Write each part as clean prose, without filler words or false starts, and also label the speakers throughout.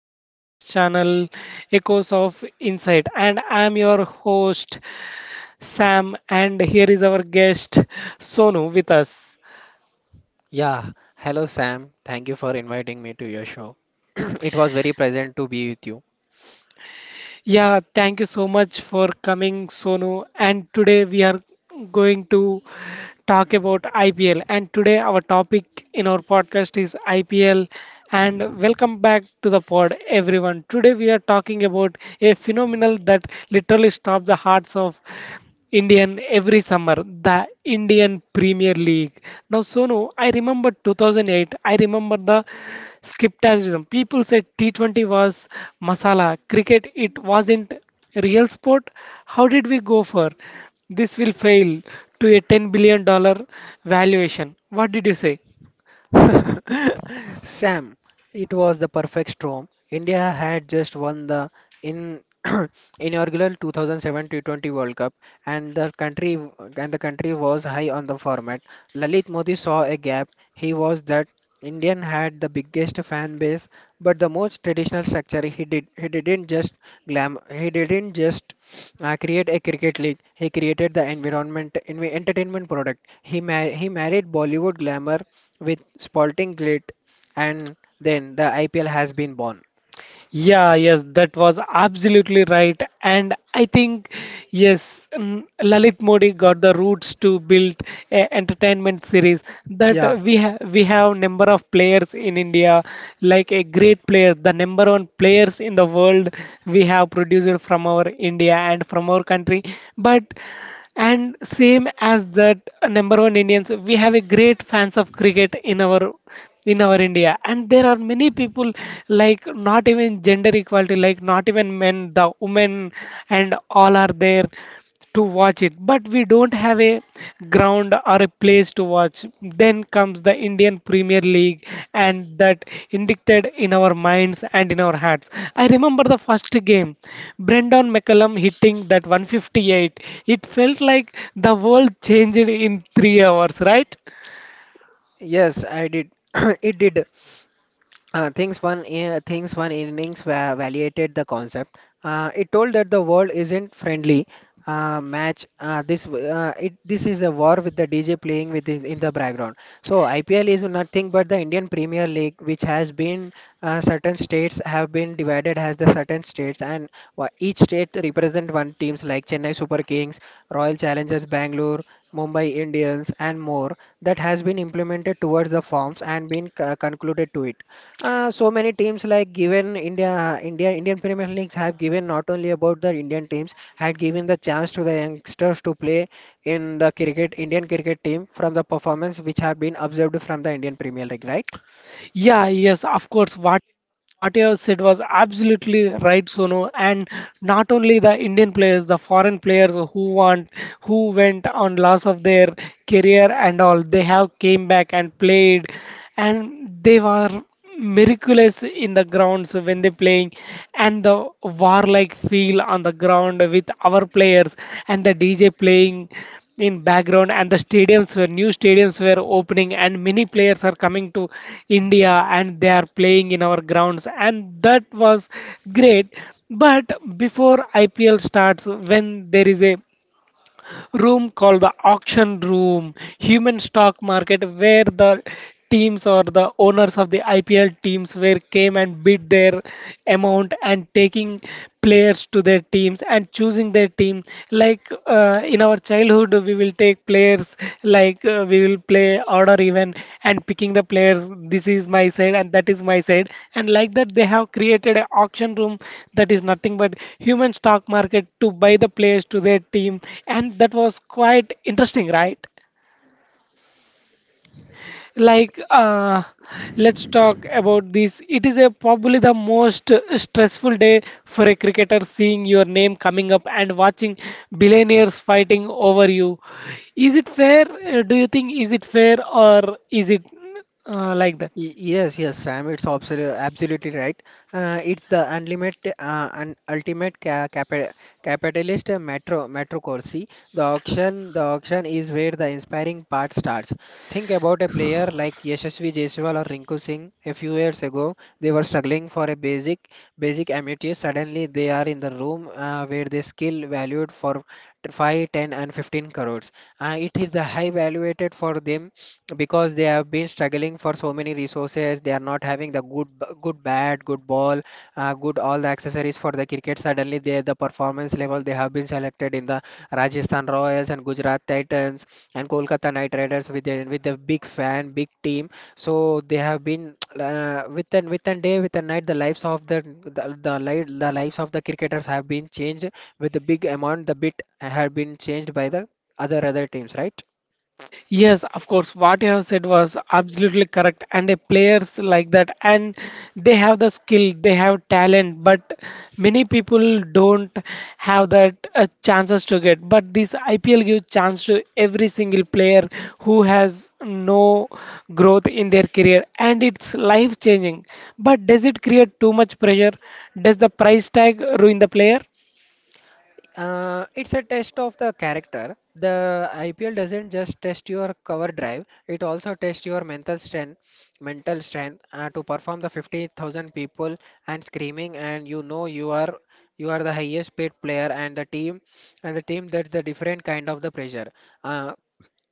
Speaker 1: podcast channel Echoes of Insight, and I'm your host Sam, and here is our guest Sonu with us.
Speaker 2: Yeah, hello Sam. Thank you for inviting me to your show. It was very pleasant to be with you.
Speaker 1: Yeah, thank you so much for coming Sonu, and today we are going to talk about IPL. And today, our topic in our podcast is IPL. And welcome back to the pod, everyone. Today, we are talking about a phenomenon that literally stops the hearts of Indian every summer, the Indian Premier League. Now, Sonu, I remember 2008, I remember the skepticism. People said T20 was masala, cricket, it wasn't real sport. How did we go for? This will fail to a $10 billion dollar valuation. What did you say?
Speaker 2: Sam, it was the perfect storm. India had just won the in inaugural 2007 T20 World Cup, and the country was high on the format. Lalit Modi saw a gap. He was that Indian had the biggest fan base, but the most traditional structure. He didn't just glam. He didn't just create a cricket league. He created the environment entertainment product. He married Bollywood glamour with Sporting Glit, and then the IPL has been born.
Speaker 1: Yeah, yes, that was absolutely right. And I think, yes, Lalit Modi got the roots to build a entertainment series that
Speaker 2: Yeah,
Speaker 1: we have number of players in India, like a great player, the number one players in the world we have produced from our India and from our country. But and same as that number one Indians, we have a great fans of cricket in our India, and there are many people like not even gender equality, like not even men, the women, and all are there to watch it. But we don't have a ground are a place to watch. Then comes the Indian Premier League, and that indicted in our minds and in our hearts. I remember the first game, Brendan McCullum hitting that 158. It felt like the world changed in 3 hours, right?
Speaker 2: yes, I did. It did. Things one innings validated the concept. It told that the world isn't friendly match. This w- it This is a war with the DJ playing within in the background. So IPL is nothing but the Indian Premier League, which has been certain states have been divided as the certain states, and each state represent one teams like Chennai Super Kings, Royal Challengers Bangalore, Mumbai Indians, and more that has been implemented towards the forms and been concluded to it. So many teams like given Indian Premier Leagues have given not only about the Indian teams, had given the chance to the youngsters to play in the cricket, Indian cricket team from the performance which have been observed from the Indian Premier League, right?
Speaker 1: Yeah, yes, of course. What you have said was absolutely right, Sonu. And not only the Indian players, the foreign players who want who went on loss of their career and all, they have came back and played, and they were miraculous in the grounds when they playing, and the warlike feel on the ground with our players and the DJ playing in background, and the stadiums were new stadiums were opening, and many players are coming to India and they are playing in our grounds, and that was great. But before IPL starts, when there is a room called the auction room, human stock market, where the teams or the owners of the IPL teams were came and bid their amount and taking players to their teams and choosing their team, like in our childhood we will take players, like we will play order even and picking the players. This is my side and that is my side. And like that, they have created an auction room that is nothing but human stock market to buy the players to their team. And that was quite interesting, right? like uh, let's talk about this. It is a probably the most stressful day for a cricketer, seeing your name coming up and watching billionaires fighting over you. Is it fair? Do you think is it fair, or is it like that
Speaker 2: Yes, yes, Sam, it's absolutely right. It's the unlimited, un ultimate capitalist metro. The auction is where the inspiring part starts. Think about a player like Yashasvi Jaiswal or Rinku Singh. A few years ago, they were struggling for a basic amenities. Suddenly, they are in the room where their skill valued for 5, 10, and 15 crores. It is the high valuated for them because they have been struggling for so many resources they are not having the good good bat good ball good all the accessories for the cricket suddenly they the performance level they have been selected in the Rajasthan Royals and Gujarat Titans and Kolkata Knight Riders with with a big fan big team, so they have been with an day with a night the lives of the lives of the cricketers have been changed with the big amount the bit have been changed by the other teams, right.
Speaker 1: Yes, of course. What you have said was absolutely correct. And a players like that, and they have the skill, they have talent, but many people don't have that chances to get. But this IPL gives chance to every single player who has no growth in their career, and it's life changing. But does it create too much pressure? Does the price tag ruin the player?
Speaker 2: It's a test of the character. The IPL doesn't just test your cover drive; it also tests your mental strength to perform the 50,000 people and screaming, and you know you are the highest paid player and the team that's the different kind of the pressure. Uh,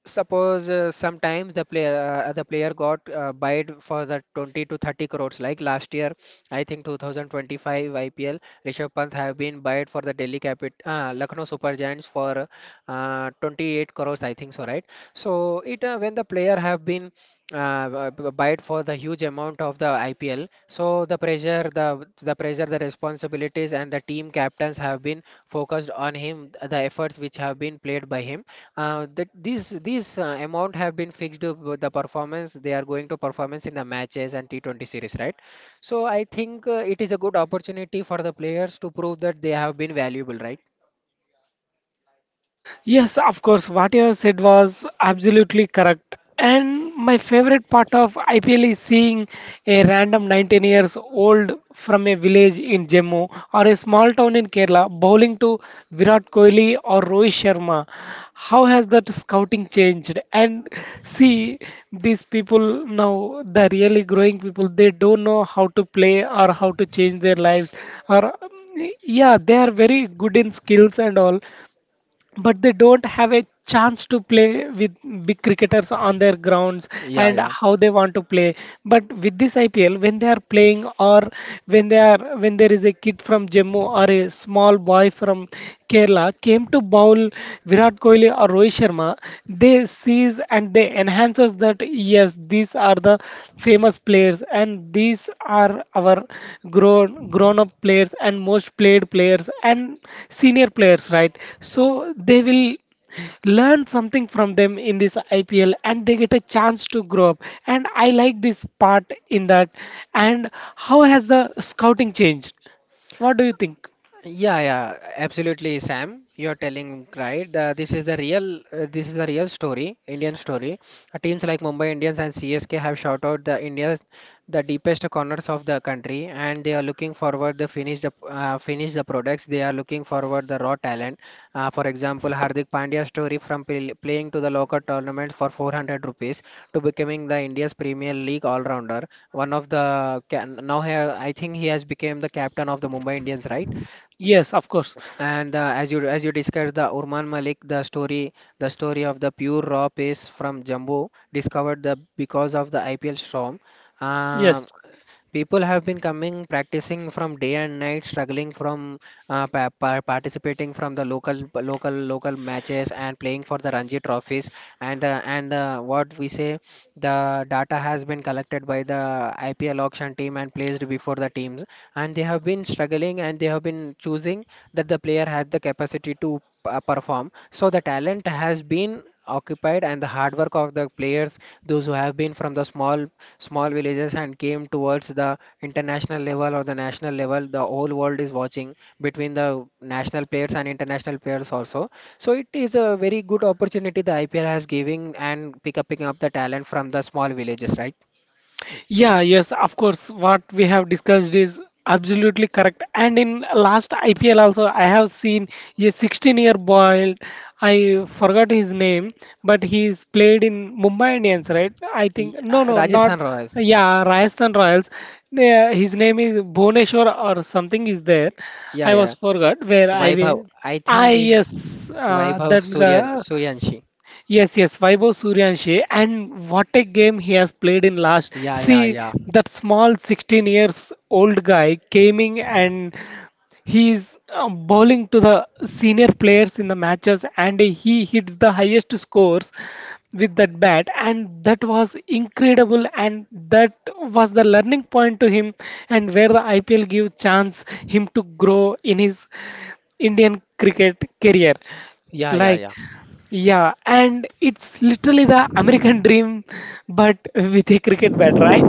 Speaker 2: Suppose sometimes the player got bid for the 20 to 30 crores. Like last year, I think 2025 IPL, Rishabh Pant have been bid for the Delhi Capit Lucknow Super Giants for 28 crores. I think so, right? So it when the player have been buy it for the huge amount of the IPL. So the pressure, the responsibilities, and the team captains have been focused on him. The efforts which have been played by him, that these amount have been fixed with the performance they are going to performance in the matches and T20 series, right? So I think it is a good opportunity for the players to prove that they have been valuable, right?
Speaker 1: Yes, of course, what you have said was absolutely correct. And my favorite part of IPL is seeing a random 19 years old from a village in Jammu or a small town in Kerala bowling to Virat Kohli or Rohit Sharma. How has that scouting changed? And see, these people now, the really growing people, they don't know how to play or how to change their lives or yeah, they are very good in skills and all, but they don't have a chance to play with big cricketers on their grounds,
Speaker 2: Yeah,
Speaker 1: and
Speaker 2: yeah.
Speaker 1: how they want to play. But with this IPL, when they are playing, or when they are, when there is a kid from Jammu or a small boy from Kerala came to bowl Virat Kohli or Rohit Sharma, they sees and they enhances that yes, these are the famous players, and these are our grown up players and most played players and senior players, right? So they will learn something from them in this IPL, and they get a chance to grow up. And I like this part in that. And how has the scouting changed? What do you think?
Speaker 2: Yeah, yeah, absolutely, Sam. You're telling right. This is the real story, Indian story. Teams like Mumbai Indians and CSK have shot out the India's the deepest corners of the country, and they are looking forward to finish the products. They are looking forward the raw talent. For example, Hardik Pandya's story from playing to the local tournament for 400 rupees to becoming the India's Premier League all-rounder. One of the ca- Now he, I think he has become the captain of the Mumbai Indians, right?
Speaker 1: Yes, of course.
Speaker 2: And as you discussed the Urman Malik, the story of the pure raw pace from Jumbo discovered the because of the IPL storm. Uh,
Speaker 1: Yes.
Speaker 2: People have been coming, practicing from day and night, struggling from pa pa participating from the local matches and playing for the Ranji trophies. And what we say, the data has been collected by the IPL auction team and placed before the teams. And they have been struggling and they have been choosing that the player has the capacity to perform. So the talent has been occupied and the hard work of the players, those who have been from the small villages and came towards the international level or the national level, the whole world is watching between the national players and international players also. So it is a very good opportunity the IPL has giving and picking up the talent from the small villages, right?
Speaker 1: Yeah, yes, of course. What we have discussed is absolutely correct. And in last IPL also, I have seen a 16-year boy. I forgot his name, but he's played in Mumbai Indians, right? I think no, no, not
Speaker 2: Rajasthan Royals.
Speaker 1: yeah, Rajasthan Royals. Yeah, his name is Bhuvneshwar or something is there.
Speaker 2: Yeah,
Speaker 1: I was
Speaker 2: yeah.
Speaker 1: forgot where I
Speaker 2: Vaibhav.
Speaker 1: will.
Speaker 2: I
Speaker 1: Ah,
Speaker 2: think is
Speaker 1: yes,
Speaker 2: Vaibhav
Speaker 1: that guy.
Speaker 2: Suryanshi.
Speaker 1: Yes, yes, Vaibhav Suryanshi, and what a game he has played in last.
Speaker 2: Yeah, yeah,
Speaker 1: See,
Speaker 2: yeah.
Speaker 1: that small 16 years old guy came in, and he is bowling to the senior players in the matches, and he hits the highest scores with that bat, and that was incredible, and that was the learning point to him, and where the IPL gave chance him to grow in his Indian cricket career.
Speaker 2: Yeah, yeah,
Speaker 1: Like,
Speaker 2: yeah,
Speaker 1: yeah, and it's literally the American dream, but with a cricket bat, right?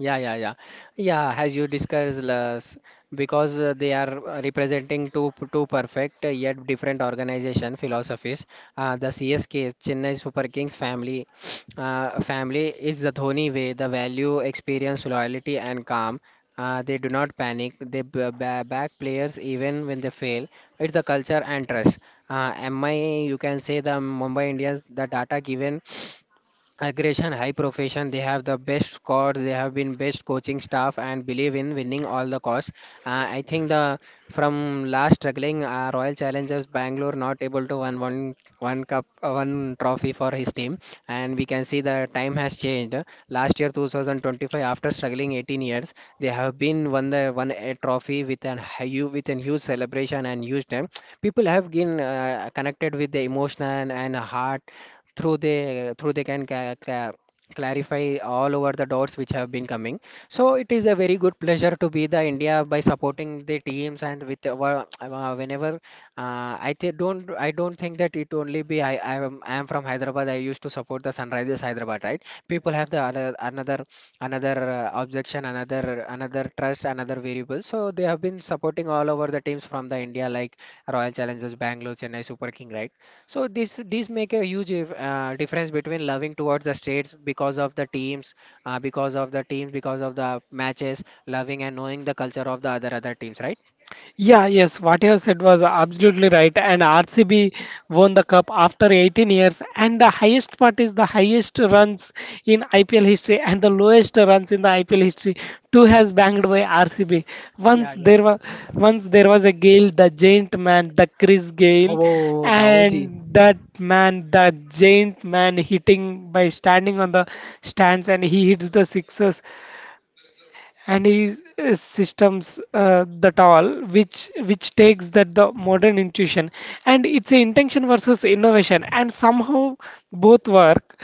Speaker 2: yeah, yeah, yeah. As you discussed, because they are representing two perfect yet different organization philosophies. The CSK Chennai Super Kings family family is the Dhoni way. The value, experience, loyalty, and calm. They do not panic. They back players even when they fail. It's the culture and trust. MI, you can say the Mumbai Indians, the data given aggression, high profession. They have the best squad, they have been best coaching staff, and believe in winning all the cause. I think the from last struggling Royal Challengers Bangalore not able to win one cup one trophy for his team, and we can see the time has changed. Last year 2025, after struggling 18 years, they have been won the won a trophy with an huge celebration and huge time. People have been connected with the emotion and heart through they can clarify all over the dots which have been coming. So it is a very good pleasure to be the India by supporting the teams and with our, whenever I don't think that it only be I am from Hyderabad. I used to support the Sunrisers Hyderabad, right? People have another objection, another trust, another variable. So they have been supporting all over the teams from the India like Royal Challengers Bangalore, Chennai Super King, right? So this make a huge difference between loving towards the states because of the teams, because of the matches, loving and knowing the culture of the other teams, right?
Speaker 1: Yeah, yes, what you have said was absolutely right. And RCB won the cup after 18 years, and the highest part is the highest runs in IPL history and the lowest runs in the IPL history. Two has banged by RCB.
Speaker 2: Yeah,
Speaker 1: Once
Speaker 2: yeah.
Speaker 1: there was once there was a Gale, the giant man, the Chris Gale,
Speaker 2: Oh, the OG.
Speaker 1: and that man, the giant man hitting by standing on the stands and he hits the sixes, and his systems that all which takes that the modern intuition, and it's a intention versus innovation, and somehow both work.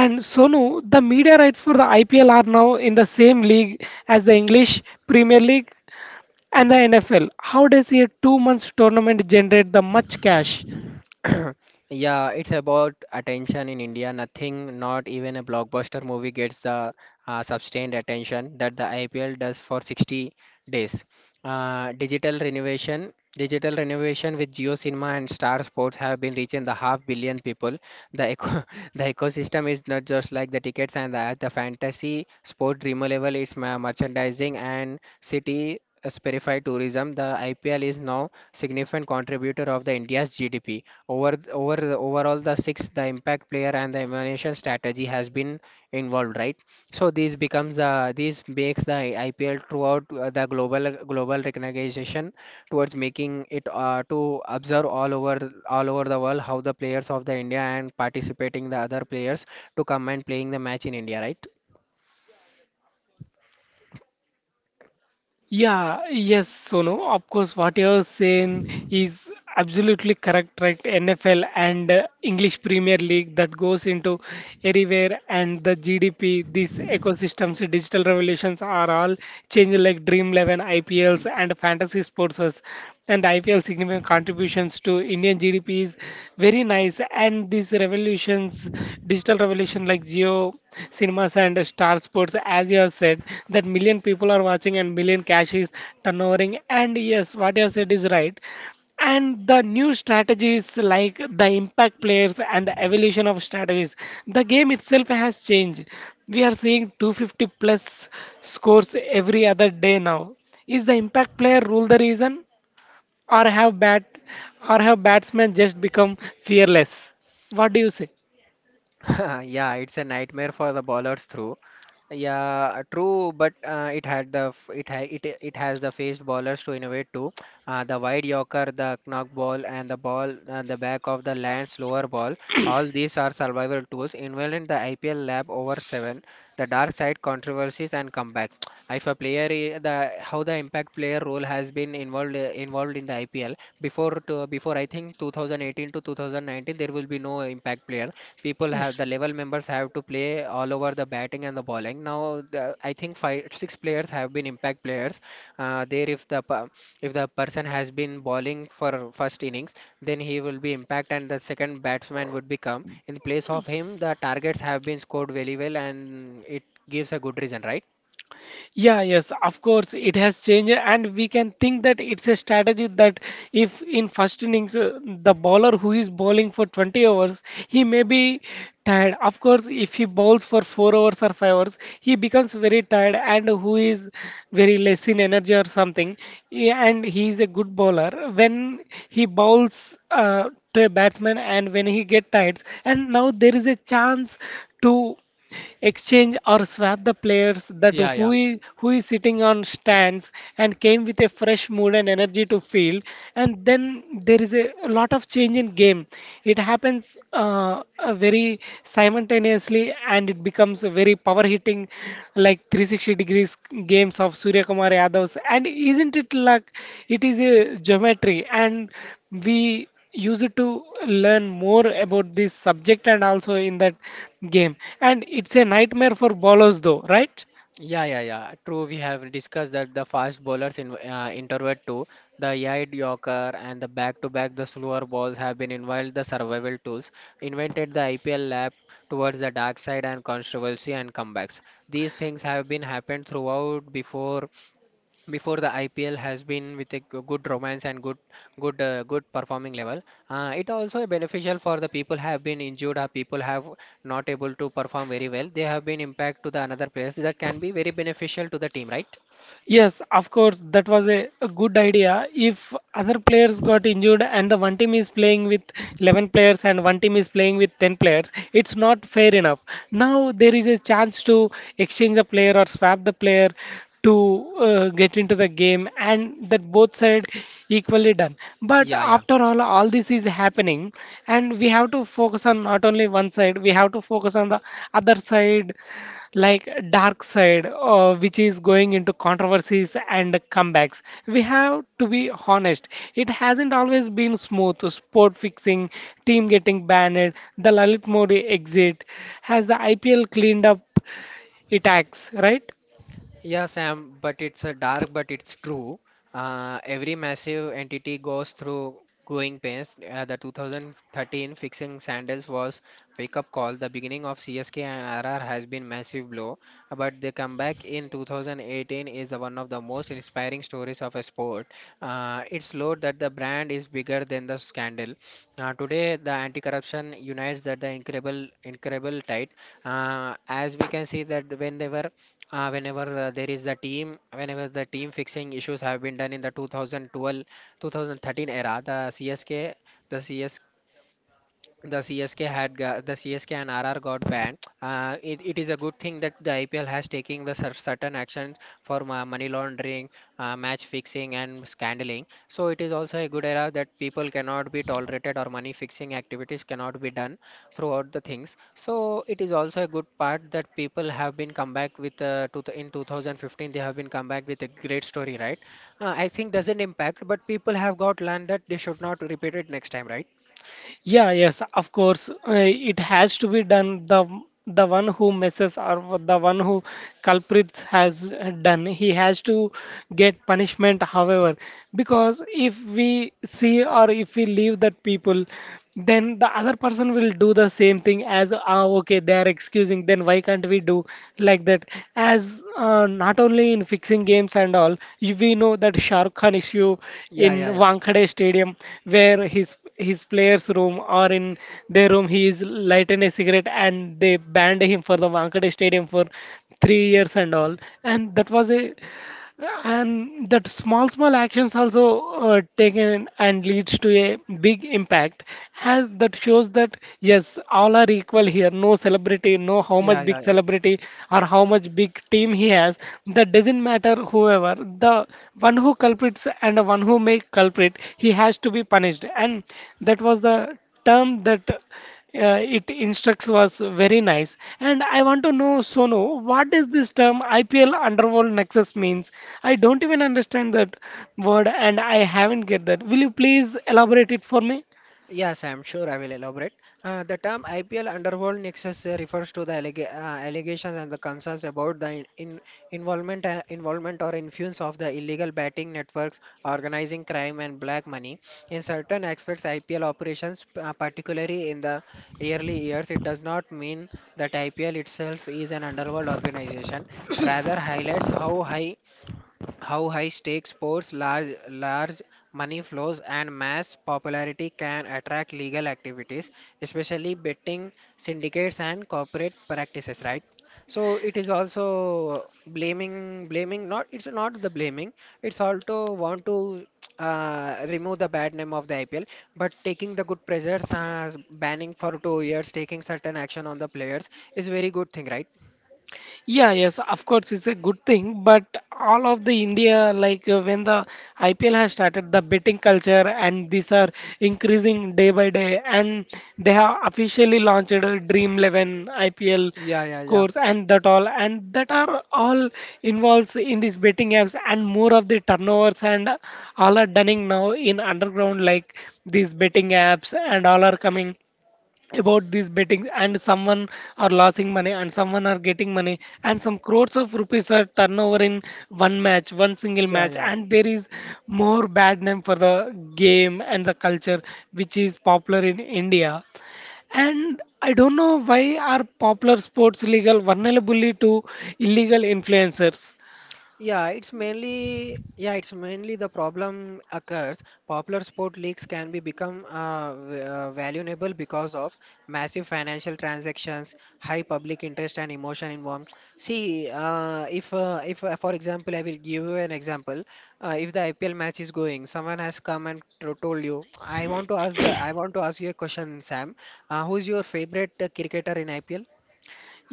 Speaker 1: And Sonu, the media rights for the IPL are now in the same league as the English Premier League and the NFL. How does a 2 months tournament generate the much cash?
Speaker 2: Yeah, it's about attention in India. Nothing, not even a blockbuster movie, gets the sustained attention that the IPL does for 60 days. Digital renovation with Geo Cinema and Star Sports have been reaching the half billion people. The eco the ecosystem is not just like the tickets and the ads. The fantasy sport dreamer level is merchandising and city. Spirify tourism, the IPL is now significant contributor of the India's GDP. Overall the six, the impact player and the elimination strategy has been involved, right? So this makes the IPL throughout the global recognition towards making it to observe all over the world how the players of the India and participating the other players to come and playing the match in India, right?
Speaker 1: Yeah, yes, Sonu. Of course, what you're saying is absolutely correct, right? NFL and English Premier League that goes into everywhere, and the GDP, these ecosystems, digital revolutions are all changing, like Dream 11, IPLs, and fantasy sports, and the IPL significant contributions to Indian GDP is very nice. And these revolutions, digital revolution like Geo, cinemas and star sports, as you have said, that million people are watching and million cash is turnovering. And yes, what you have said is right. And the new strategies like the impact players and the evolution of strategies. The game itself has changed. We are seeing 250 plus scores every other day now. Is the impact player rule the reason, or have bat, or have batsmen just become fearless? What do you say?
Speaker 2: Yeah, it's a nightmare for the bowlers through. Yeah, true, but it had the f- it ha it it has the faced bowlers to innovate too. The wide yorker, the knock ball, and the ball the back of the land slower ball. All these are survival tools involved in the IPL lab over seven, the dark side controversies and comeback. If a player I- the How the impact player role has been involved in the IPL before I think 2018 to 2019 there will be no impact player. People have
Speaker 1: Yes.
Speaker 2: the level members have to play all over the batting and the bowling now, I think five six players have been impact players. There If the if the person has been bowling for first innings, then he will be impact and the second batsman would become in place of him. The targets have been scored very well and it gives a good reason, right?
Speaker 1: Yeah, yes, of course, it has changed, and we can think that it's a strategy that if in first innings the bowler who is bowling for 20 hours, he may be tired. Of course, if he bowls for 4 hours or 5 hours, he becomes very tired and who is very less in energy or something, yeah, and he is a good bowler. When he bowls to a batsman and when he get tired, and now there is a chance to exchange or swap the players that
Speaker 2: Yeah, yeah.
Speaker 1: who is sitting on stands and came with a fresh mood and energy to field, and then there is a lot of change in game. It happens very simultaneously, and it becomes a very power hitting like 360 degrees games of Surya Kumar Yadav's, and isn't it like it is a geometry, and we use it to learn more about this subject and also in that game. And it's a nightmare for bowlers though, right?
Speaker 2: Yeah, yeah, yeah. True, we have discussed that the fast bowlers in introvert too. The eight yorker and the back-to-back the slower balls have been involved the survival tools, invented the IPL lap towards the dark side and controversy and comebacks. These things have been happened throughout before the IPL has been with a good romance and good performing level. It also beneficial for the people have been injured or people have not able to perform very well. They have been impact to the another players that can be very beneficial to the team, right?
Speaker 1: Yes, of course, that was a good idea. If other players got injured and the one team is playing with 11 players and one team is playing with 10 players, it's not fair enough. Now there is a chance to exchange the player or swap the player to get into the game, and that both side equally done. But
Speaker 2: Yeah, yeah.
Speaker 1: after all this is happening, and we have to focus on not only one side, we have to focus on the other side, like Dark Side, which is going into controversies and comebacks. We have to be honest, it hasn't always been smooth. Sport fixing, team getting banned, the Lalit Modi exit. Has the IPL cleaned up its acts, right?
Speaker 2: Yeah, Sam, but it's a dark, but it's true. Every massive entity goes through growing pains. The 2013 fixing Sandals was wake-up call. The beginning of CSK and RR has been massive blow, but the comeback in 2018 is the one of the most inspiring stories of a sport. It showed that the brand is bigger than the scandal. Today, the anti-corruption unites that the incredible tight. As we can see that whenever there is the team, fixing issues have been done in the 2012 2013 era, the CSK the CS the CSK had got, the CSK and RR got banned. It is a good thing that the IPL has taken the certain actions for money laundering, match fixing, and scandaling. So it is also a good era that people cannot be tolerated or money fixing activities cannot be done throughout the things. So it is also a good part that people have been come back with to in 2015 they have been come back with a great story, right? I think doesn't impact, but people have got learned that they should not repeat it next time, right?
Speaker 1: Yeah, yes, of course. It has to be done. The one who messes or the one who culprits has done. He has to get punishment, however, because if we see or if we leave that people, then the other person will do the same thing as ah, okay, they are excusing. Then why can't we do like that? As Not only in fixing games and all, we know that Shahrukh Khan issue
Speaker 2: Yeah,
Speaker 1: in
Speaker 2: yeah, yeah.
Speaker 1: Wankhede Stadium where his player's room or in their room, he is lighting a cigarette and they banned him for the Wankhede Stadium for 3 years and all. And that was a and that small small actions also taken and leads to a big impact, as that shows that yes all are equal here, no celebrity, no how
Speaker 2: Yeah,
Speaker 1: much big
Speaker 2: yeah, yeah.
Speaker 1: celebrity or how much big team he has, that doesn't matter, whoever the one who culprits and the one who make culprit he has to be punished. And that was the term that it instructs was very nice. And I want to know, Sonu, what is this term IPL Underworld Nexus means? I don't even understand that word and I haven't get that. Will you please elaborate it for me?
Speaker 2: Yes, I'm sure I will elaborate. The term IPL Underworld Nexus refers to the allegations and the concerns about the involvement or influence of the illegal betting networks, organizing crime, and black money. In certain aspects, IPL operations, particularly in the early years, it does not mean that IPL itself is an underworld organization. Rather, highlights how high-stakes sports, large money flows, and mass popularity can attract legal activities, especially betting syndicates and corporate practices, right? So it is also blaming. Not it's not the blaming. It's also want to remove the bad name of the IPL, but taking the good pressures, banning for 2 years, taking certain action on the players is very good thing, right?
Speaker 1: Yeah, yes, of course, it's a good thing. But all of the India, like when the IPL has started, the betting culture and these are increasing day by day. And they have officially launched a Dream 11 IPL
Speaker 2: Yeah, yeah, yeah,
Speaker 1: scores and that all. And that are all involves in these betting apps and more of the turnovers and all are done now in underground, like these betting apps and all are coming about these betting, and someone are losing money and someone are getting money and some crores of rupees are turnover in one single
Speaker 2: yeah,
Speaker 1: match,
Speaker 2: yeah.
Speaker 1: and there is more bad name for the game and the culture which is popular in India. And I don't know why are popular sports legal vulnerable to illegal influencers.
Speaker 2: Yeah, it's mainly the problem occurs. Popular sport leagues can be become valuable because of massive financial transactions, high public interest, and emotion involved. See, if for example, I will give you an example. If the IPL match is going, someone has come and told you, I want to ask you a question, Sam. Who's your favorite cricketer in IPL?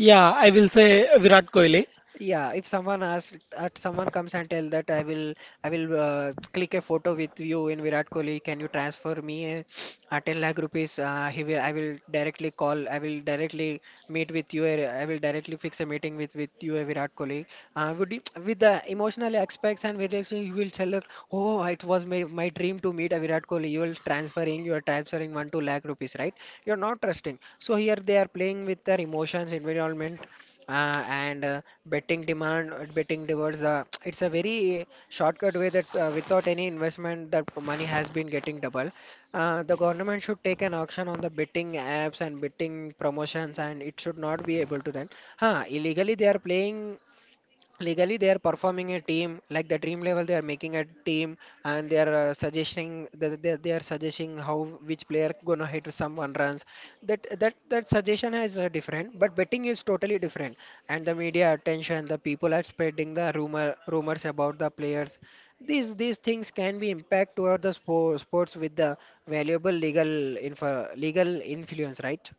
Speaker 1: Yeah, I will say Virat Kohli.
Speaker 2: Yeah, if someone asks, someone comes and tell that I will click a photo with you in Virat Kohli. Can you transfer me 10 lakh rupees? I will directly call. I will directly meet with you. I will directly fix a meeting with you, Virat Kohli. Would you, with the emotional aspects and with action, you will tell us, oh, it was my dream to meet a Virat Kohli. You are transferring one two lakh rupees, right? You're not trusting. So here they are playing with their emotions, environment and betting demand betting towards it's a very shortcut way that without any investment that money has been getting double. The government should take an auction on the betting apps and betting promotions and it should not be able to, then illegally they are playing, legally they are performing a team like the dream level they are making a team, and they are suggesting that, they are suggesting how which player gonna hit someone runs. That suggestion is different, but betting is totally different. And the media attention, the people are spreading the rumors about the players. These things can be impact toward the sports with the legal influence, right?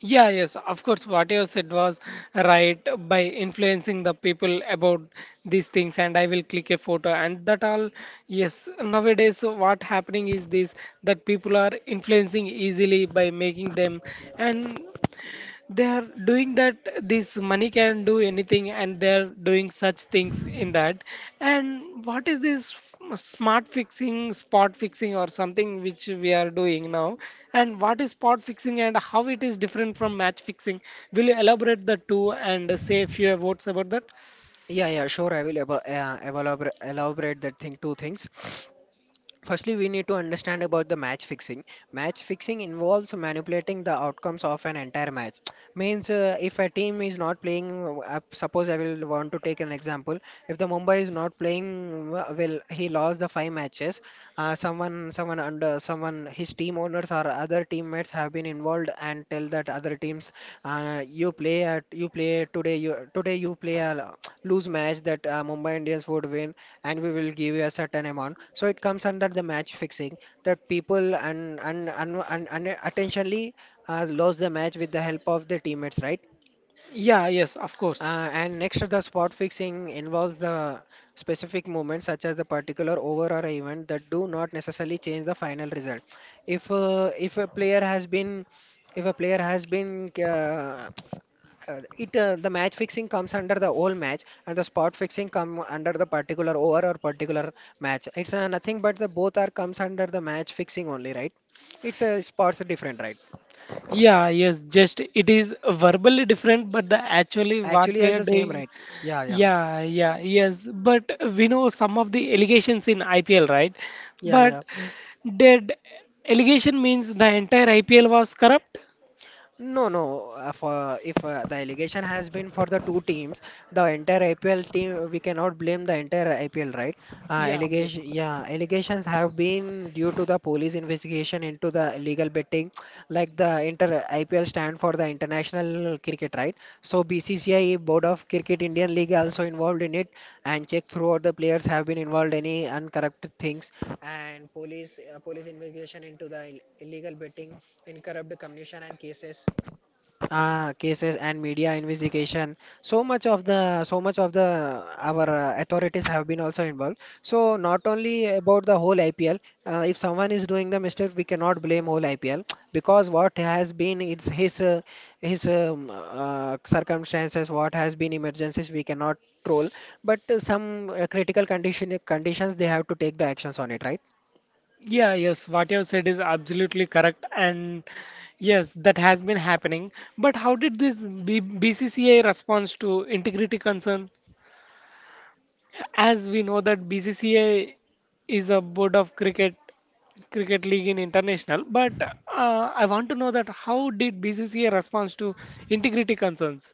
Speaker 1: Yeah, yes, of course, what you said was right, by influencing the people about these things, and I will click a photo and that all. Yes, nowadays what happening is this, that people are influencing easily by making them, and they are doing that this money can do anything and they're doing such things in that. And what is this smart fixing, spot fixing, or something which we are doing now, and what is spot fixing and how it is different from match fixing? Will you elaborate the two and say a few words about that?
Speaker 2: Yeah, yeah, sure. I will elaborate that thing two things. Firstly, we need to understand about the match fixing. Match fixing involves manipulating the outcomes of an entire match. Means, if a team is not playing, suppose I will want to take an example. If the Mumbai is not playing well, he lost the five matches. Someone under someone, his team owners or other teammates have been involved and tell that other teams, you play today, you play a lose match that Mumbai Indians would win and we will give you a certain amount. So it comes under the match fixing, that people and attentionally lose the match with the help of the teammates, right?
Speaker 1: Yeah, yes, of course.
Speaker 2: And next, the spot fixing involves the specific movements such as the particular over or event that do not necessarily change the final result. If a player has been if a player has been it The match fixing comes under the whole match and the spot fixing come under the particular over or particular match. It's nothing but the both are comes under the match fixing only, right? It's a spots different, right?
Speaker 1: Yeah, yes, just it is verbally different but the actually what
Speaker 2: Actually
Speaker 1: we
Speaker 2: has
Speaker 1: are
Speaker 2: the same,
Speaker 1: doing.
Speaker 2: right? Yeah, yeah.
Speaker 1: Yeah, yeah, yes. But we know some of the allegations in IPL, right?
Speaker 2: Yeah, yeah.
Speaker 1: But did allegation means the entire IPL was corrupt?
Speaker 2: No, no. For If the allegation has been for the two teams, the entire IPL team we cannot blame the entire IPL, right?
Speaker 1: Yeah, yes.
Speaker 2: Yeah, allegations have been due to the police investigation into the illegal betting, like the inter IPL stand for the international cricket, right? So BCCI Board of Cricket Indian League also involved in it, and check throughout the players have been involved any uncorrupted things, and police investigation into the illegal betting, incorrupt communication and cases. Ah, cases and media investigation. So much of the our authorities have been also involved. So not only about the whole IPL. If someone is doing the mistake, we cannot blame whole IPL because what has been it's his circumstances, what has been emergencies, we cannot troll. But some critical conditions they have to take the actions on it, right?
Speaker 1: Yeah, yes, what you have said is absolutely correct, and yes, that has been happening. But how did this B BCCI response to integrity concern? As we know that BCCI is the board of cricket league in international. But I want to know that how did BCCA response to integrity concerns?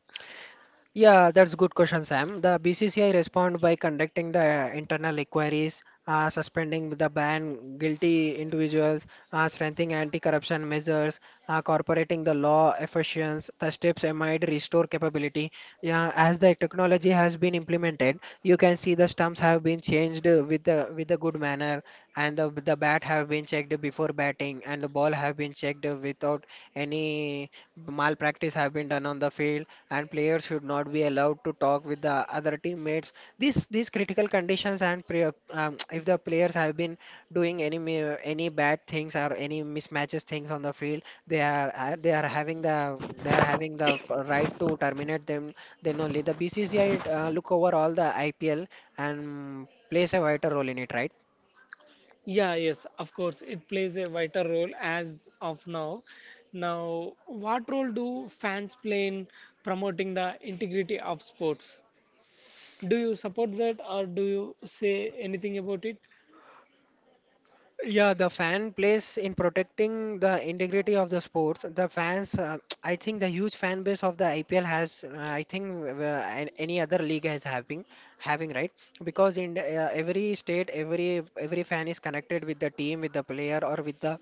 Speaker 2: Yeah, that's good question, Sam. The BCCI respond by conducting the internal inquiries, suspending the ban guilty individuals, strengthening anti-corruption measures, corporating the law efficiency. The steps might restore capability. Yeah, as the technology has been implemented, you can see the stumps have been changed with a good manner, and the bat have been checked before batting, and the ball have been checked without any malpractice have been done on the field and players should not be allowed to talk with the other teammates. These critical conditions and if the players have been doing any any bad things or any mismatches things on the field, they are having the right to terminate them. Then only the BCCI look over all the IPL and plays a vital role in it, right?
Speaker 1: Yeah, yes, of course, it plays a vital role as of now. Now, what role do fans play in promoting the integrity of sports? Do you support that, or do you say anything about it?
Speaker 2: Yeah, the fan plays in protecting the integrity of the sports. The fans, I think the huge fan base of the IPL has, I think an- any other league has having, right? Because every state, every fan is connected with the team, with the player, or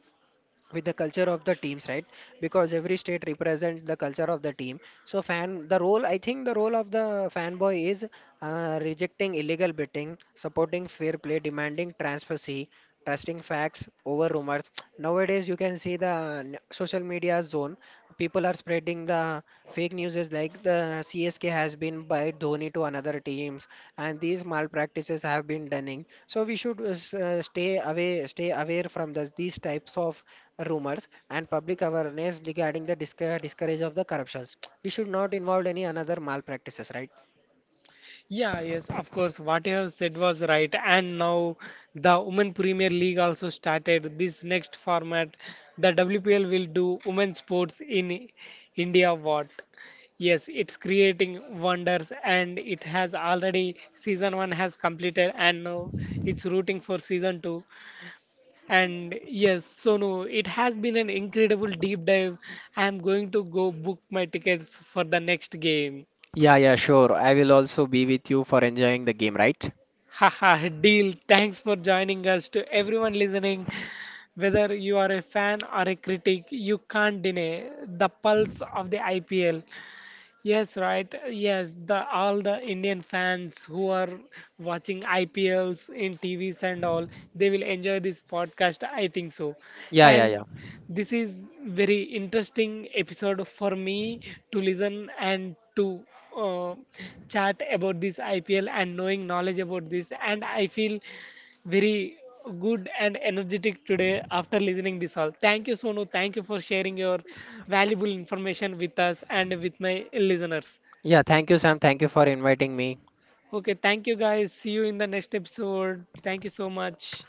Speaker 2: with the culture of the teams, right? Because every state represents the culture of the team. So fan the role I think the role of the fanboy is rejecting illegal betting, supporting fair play, demanding transparency, trusting facts over rumors. Nowadays you can see the social media zone. People are spreading the fake news like the CSK has been by Dhoni to another teams, and these malpractices have been done, so we should stay aware from this, these types of rumors and public awareness regarding the discourage of the corruptions. We should not involve any another malpractices, right?
Speaker 1: Yeah, yes, of course. What you have said was right. And now the Women Premier League also started this next format. The WPL will do women's sports in India. What? Yes, it's creating wonders, and it has already season one has completed, and now it's rooting for season two. And yes, Sonu, it has been an incredible deep dive. I am going to go book my tickets for the next game.
Speaker 2: Yeah, yeah, sure. I will also be with you for enjoying the game, right?
Speaker 1: Haha, deal. Thanks for joining us. To everyone listening, whether you are a fan or a critic, you can't deny the pulse of the IPL. Yes, right. Yes, the all the Indian fans who are watching IPLs in TVs and all, they will enjoy this podcast, I think so. Yeah.
Speaker 2: Yeah, yeah, yeah.
Speaker 1: And this is very interesting episode for me to listen and to uh, chat about this IPL and knowing knowledge about this. And I feel very good and energetic today after listening this all. Thank you, Sonu. Thank you for sharing your valuable information with us and with my listeners.
Speaker 2: Yeah, thank you, Sam. Thank you for inviting me.
Speaker 1: Okay, thank you guys. See you in the next episode. Thank you so much.